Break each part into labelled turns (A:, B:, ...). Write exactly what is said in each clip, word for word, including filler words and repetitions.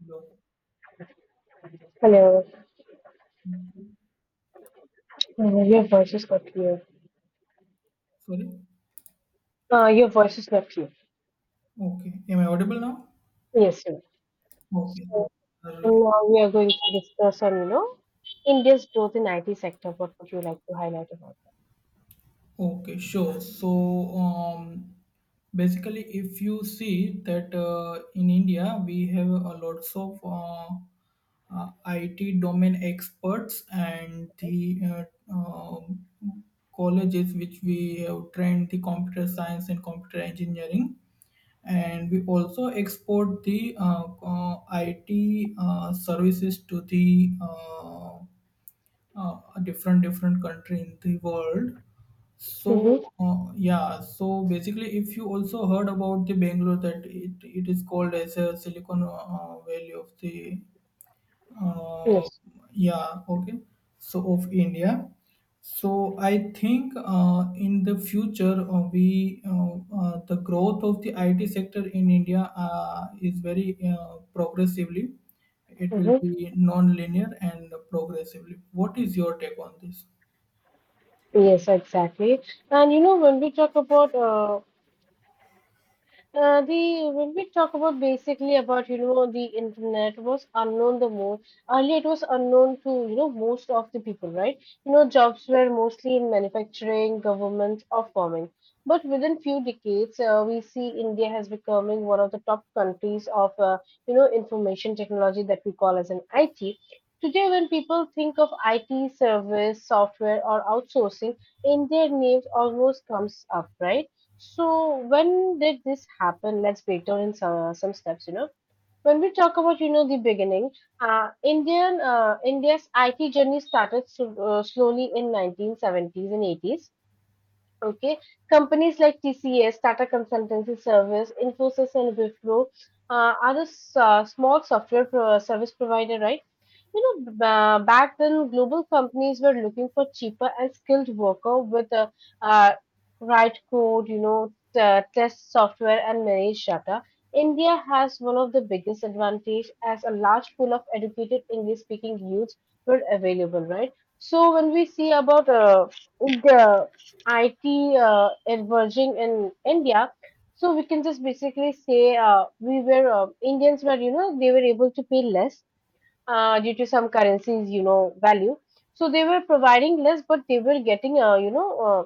A: Hello.
B: Hello. Uh, your voice is not clear.
A: Sorry.
B: Uh, your voice is not clear.
A: Okay. Am I audible now?
B: Yes, sir.
A: Okay.
B: So
A: So, uh,
B: now we are going to discuss on, you know, India's growth in I T sector. What would you like to highlight about?
A: okay. Sure. So, um, basically, if you see that uh, in India we have a lots of uh, uh, I T domain experts and the uh, um colleges which we have trained the computer science and computer engineering, and we also export the uh, uh, I T uh, services to the uh, uh, different different country in the world. So
B: Mm-hmm.
A: uh, yeah, so basically, if you also heard about the Bangalore that it, it is called as a Silicon uh, Valley of the uh,
B: Yes.
A: yeah, okay, so of India. So i think uh, in the future uh, we uh, uh, the growth of the IT sector in India uh, is very uh, progressively, it will
B: Mm-hmm.
A: be non-linear and progressively. What is your take on this?
B: Yes, exactly. And you know, when we talk about uh, Uh, the when we talk about basically about you know the internet was unknown the most earlier it was unknown to you know most of the people right you know jobs were mostly in manufacturing government or farming but within few decades uh, we see India has becoming one of the top countries of uh, you know information technology that we call as an I T today when people think of I T service software or outsourcing India names almost comes up right. So when did this happen? Let's break down in some, some steps, you know. When we talk about, you know, the beginning, uh, Indian uh, India's I T journey started sl- uh, slowly in nineteen seventies and eighties. Okay, companies like T C S, Tata Consultancy Service, Infosys, and Wipro uh, are the s- uh, small software pro- service provider, right? You know, b- uh, back then, global companies were looking for cheaper and skilled worker with a uh, write code, you know, t- uh, test software and manage data. India has one of the biggest advantage as a large pool of educated English-speaking youths were available, right? So when we see about uh, the I T uh, emerging in India, so we can just basically say uh, we were uh, Indians were you know they were able to pay less uh, due to some currencies, you know, value. So they were providing less, but they were getting, uh, you know, uh,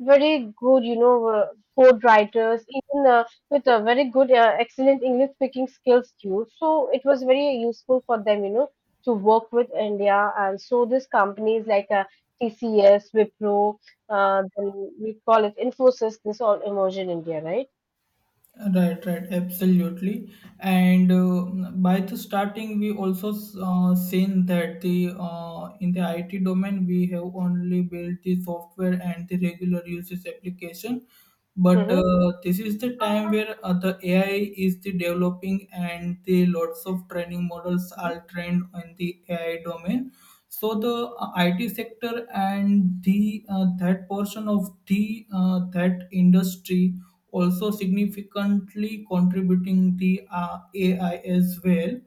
B: very good, you know, uh, code writers, even uh, with a very good, uh, excellent English speaking skills too. So it was very useful for them, you know, to work with India. And so these companies like uh, T C S, Wipro, uh, then we call it Infosys, this all emerge in India, right?
A: Right, right, absolutely. And uh, by the starting, we also uh, seen that the uh, in the I T domain we have only built the software and the regular uses application, but
B: Mm-hmm.
A: uh, this is the time where uh, the A I is the developing and the lots of training models
B: Mm-hmm.
A: are trained in the A I domain. So the uh, I T sector and the uh, that portion of the uh, that industry also significantly contributing the uh, A I as well.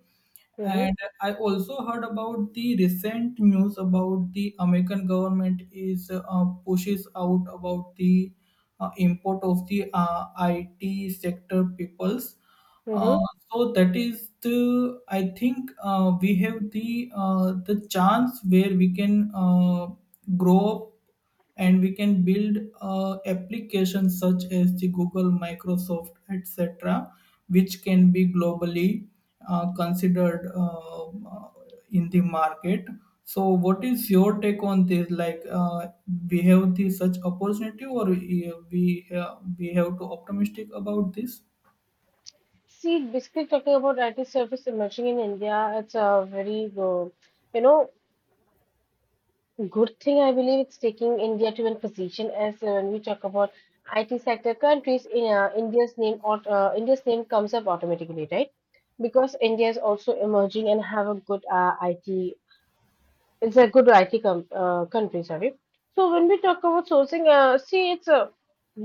B: Mm-hmm.
A: And I also heard about the recent news about the American government is uh, pushes out about the uh, import of the uh, I T sector peoples,
B: Mm-hmm.
A: uh, so that is the I think uh, we have the uh, the chance where we can uh, grow up and we can build uh, applications such as the Google, Microsoft, et cetera, which can be globally uh, considered uh, in the market. So, what is your take on this? Like, uh, we have the such opportunity, or we we have, we have to optimistic about this?
B: See, basically talking about I T service emerging in India, it's a very, uh, you know, good thing. I believe it's taking India to a position as uh, when we talk about I T sector countries, in uh, India's name or uh, India's name comes up automatically, right? Because India is also emerging and have a good uh, I T. It's a good I T com uh, country, sorry. So when we talk about sourcing, uh, see, it's uh,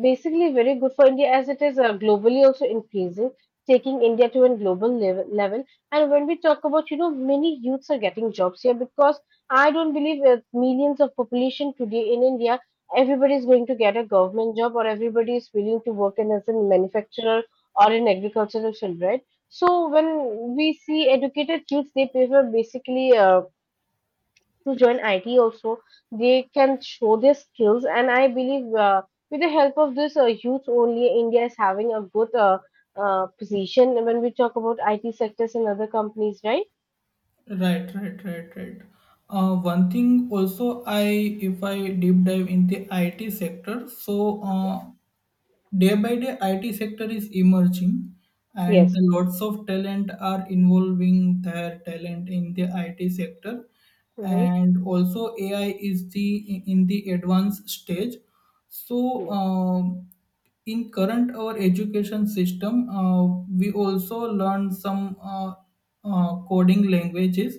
B: basically very good for India as it is uh, globally also increasing, taking India to a global level, level. And when we talk about, you know, many youths are getting jobs here because I don't believe with millions of population today in India, everybody is going to get a government job or everybody is willing to work in as a manufacturer or in agricultural field, right? So when we see educated youths, they prefer basically uh, to join I T also. They can show their skills, and I believe uh, with the help of this uh, youth only, India is having a good uh, uh, position when we talk about I T sectors and other companies, right?
A: Right, right, right, right. Uh, one thing also, I, if I deep dive in the I T sector, so uh, day by day, I T sector is emerging, and
B: Yes.
A: the lots of talent are involving their talent in the I T sector.
B: Mm-hmm.
A: And also, A I is the in the advanced stage. So,
B: Yes.
A: um, in current our education system, uh, we also learn some uh, uh, coding languages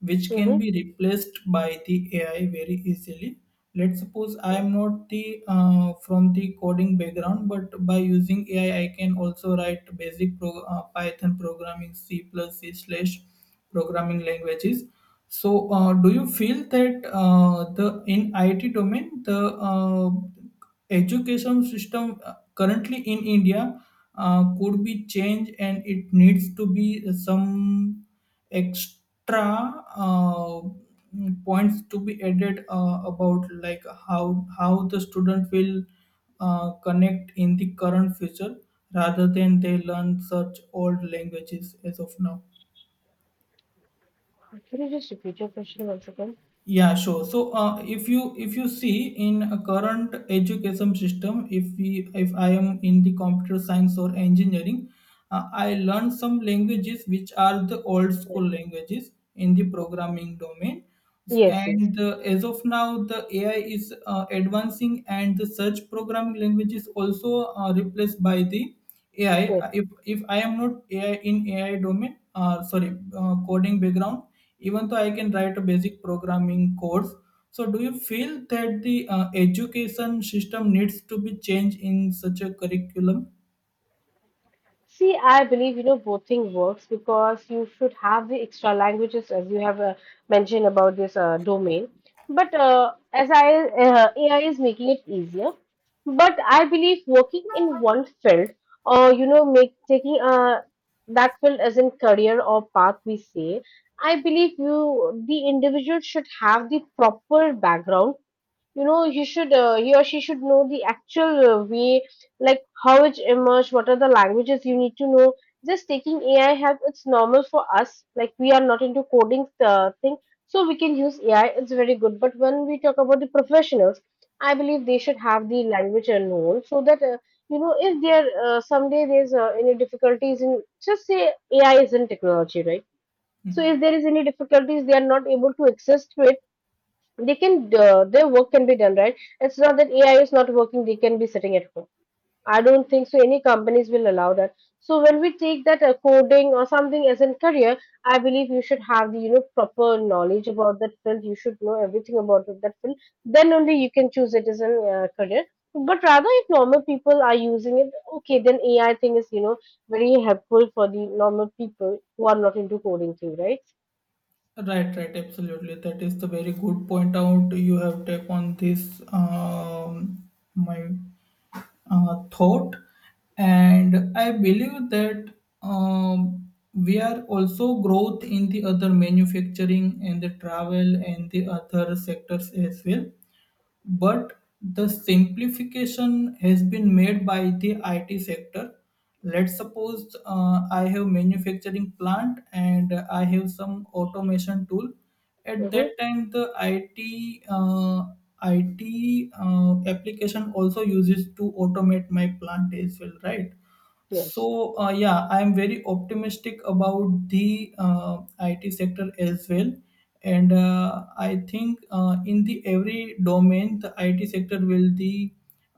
A: which can
B: Mm-hmm.
A: be replaced by the A I very easily. Let's suppose I am not the uh, from the coding background, but by using A I, I I can also write basic pro, uh, Python programming, C plus C slash programming languages. So, uh, do you feel that uh, the in I T domain the uh, education system uh, currently in India uh, could be changed and it needs to be some extra uh, points to be added uh, about like how how the student will uh, connect in the current future rather than they learn such old languages as of now?
B: Can you just repeat your question once again?
A: Yeah, sure. So, uh, if you if you see in a current education system, if we if I am in the computer science or engineering, uh, I learned some languages which are the old
B: Yes.
A: school languages in the programming domain.
B: Yes. Yes.
A: And uh, as of now, the A I is uh, advancing, and the search programming language is also uh, replaced by the
B: Yes.
A: A I, if if I am not A I in A I domain, uh, sorry, uh, coding background, even though I can write a basic programming codes. So, do you feel that the uh, education system needs to be changed in such a curriculum?
B: See, I believe you know both thing works because you should have the extra languages as you have uh, mentioned about this uh, domain. But uh, as I uh, A I is making it easier, but I believe working in one field or you know make taking uh, that field as in career or path we say, I believe you the individual should have the proper background, you know, he should uh, he or she should know the actual uh, way, like how it emerged, what are the languages you need to know. Just taking AI help, it's normal for us, like we are not into coding uh, thing, so we can use AI. It's very good. But when we talk about the professionals, I believe they should have the language uh, known so that, uh, you know, if there uh, someday there's uh, any difficulties in, just say, AI is in technology, right? So if
A: Hmm.
B: there is any difficulties they are not able to access to it, they can uh, their work can be done, right? It's not that AI is not working, they can be sitting at home. I don't think so any companies will allow that. So when we take that uh, coding or something as a career, I believe you should have the, you know, proper knowledge about that field, you should know everything about that field, then only you can choose it as a uh, career. But rather if normal people are using it, okay, then AI thing is, you know, very helpful for the normal people who are not into coding thing, right?
A: Right, right, absolutely. That is the very good point out you have taken on this. Um, my uh, thought, and I believe that um, we are also growth in the other manufacturing and the travel and the other sectors as well, but the simplification has been made by the I T sector. Let's suppose uh, I have manufacturing plant and I have some automation tool. At
B: Mm-hmm.
A: that time, the I T uh, I T uh, application also uses to automate my plant as well, right?
B: Yes.
A: So uh, yeah, I'm very optimistic about the uh, I T sector as well, and uh, I think uh, in the every domain, the I T sector will the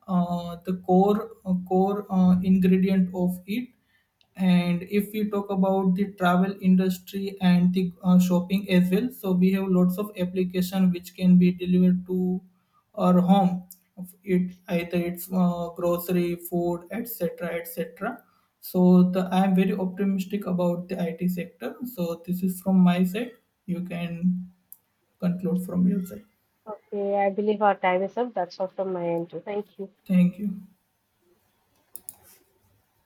A: uh, the core uh, core uh, ingredient of it. And if we talk about the travel industry and the uh, shopping as well, so we have lots of application which can be delivered to our home. It either it's uh, grocery, food, et cetera, et cetera. So the I am very optimistic about the I T sector. So this is from my side. You can conclude from your side.
B: Okay, I believe our time is up. That's all from my end too. Thank you.
A: Thank you.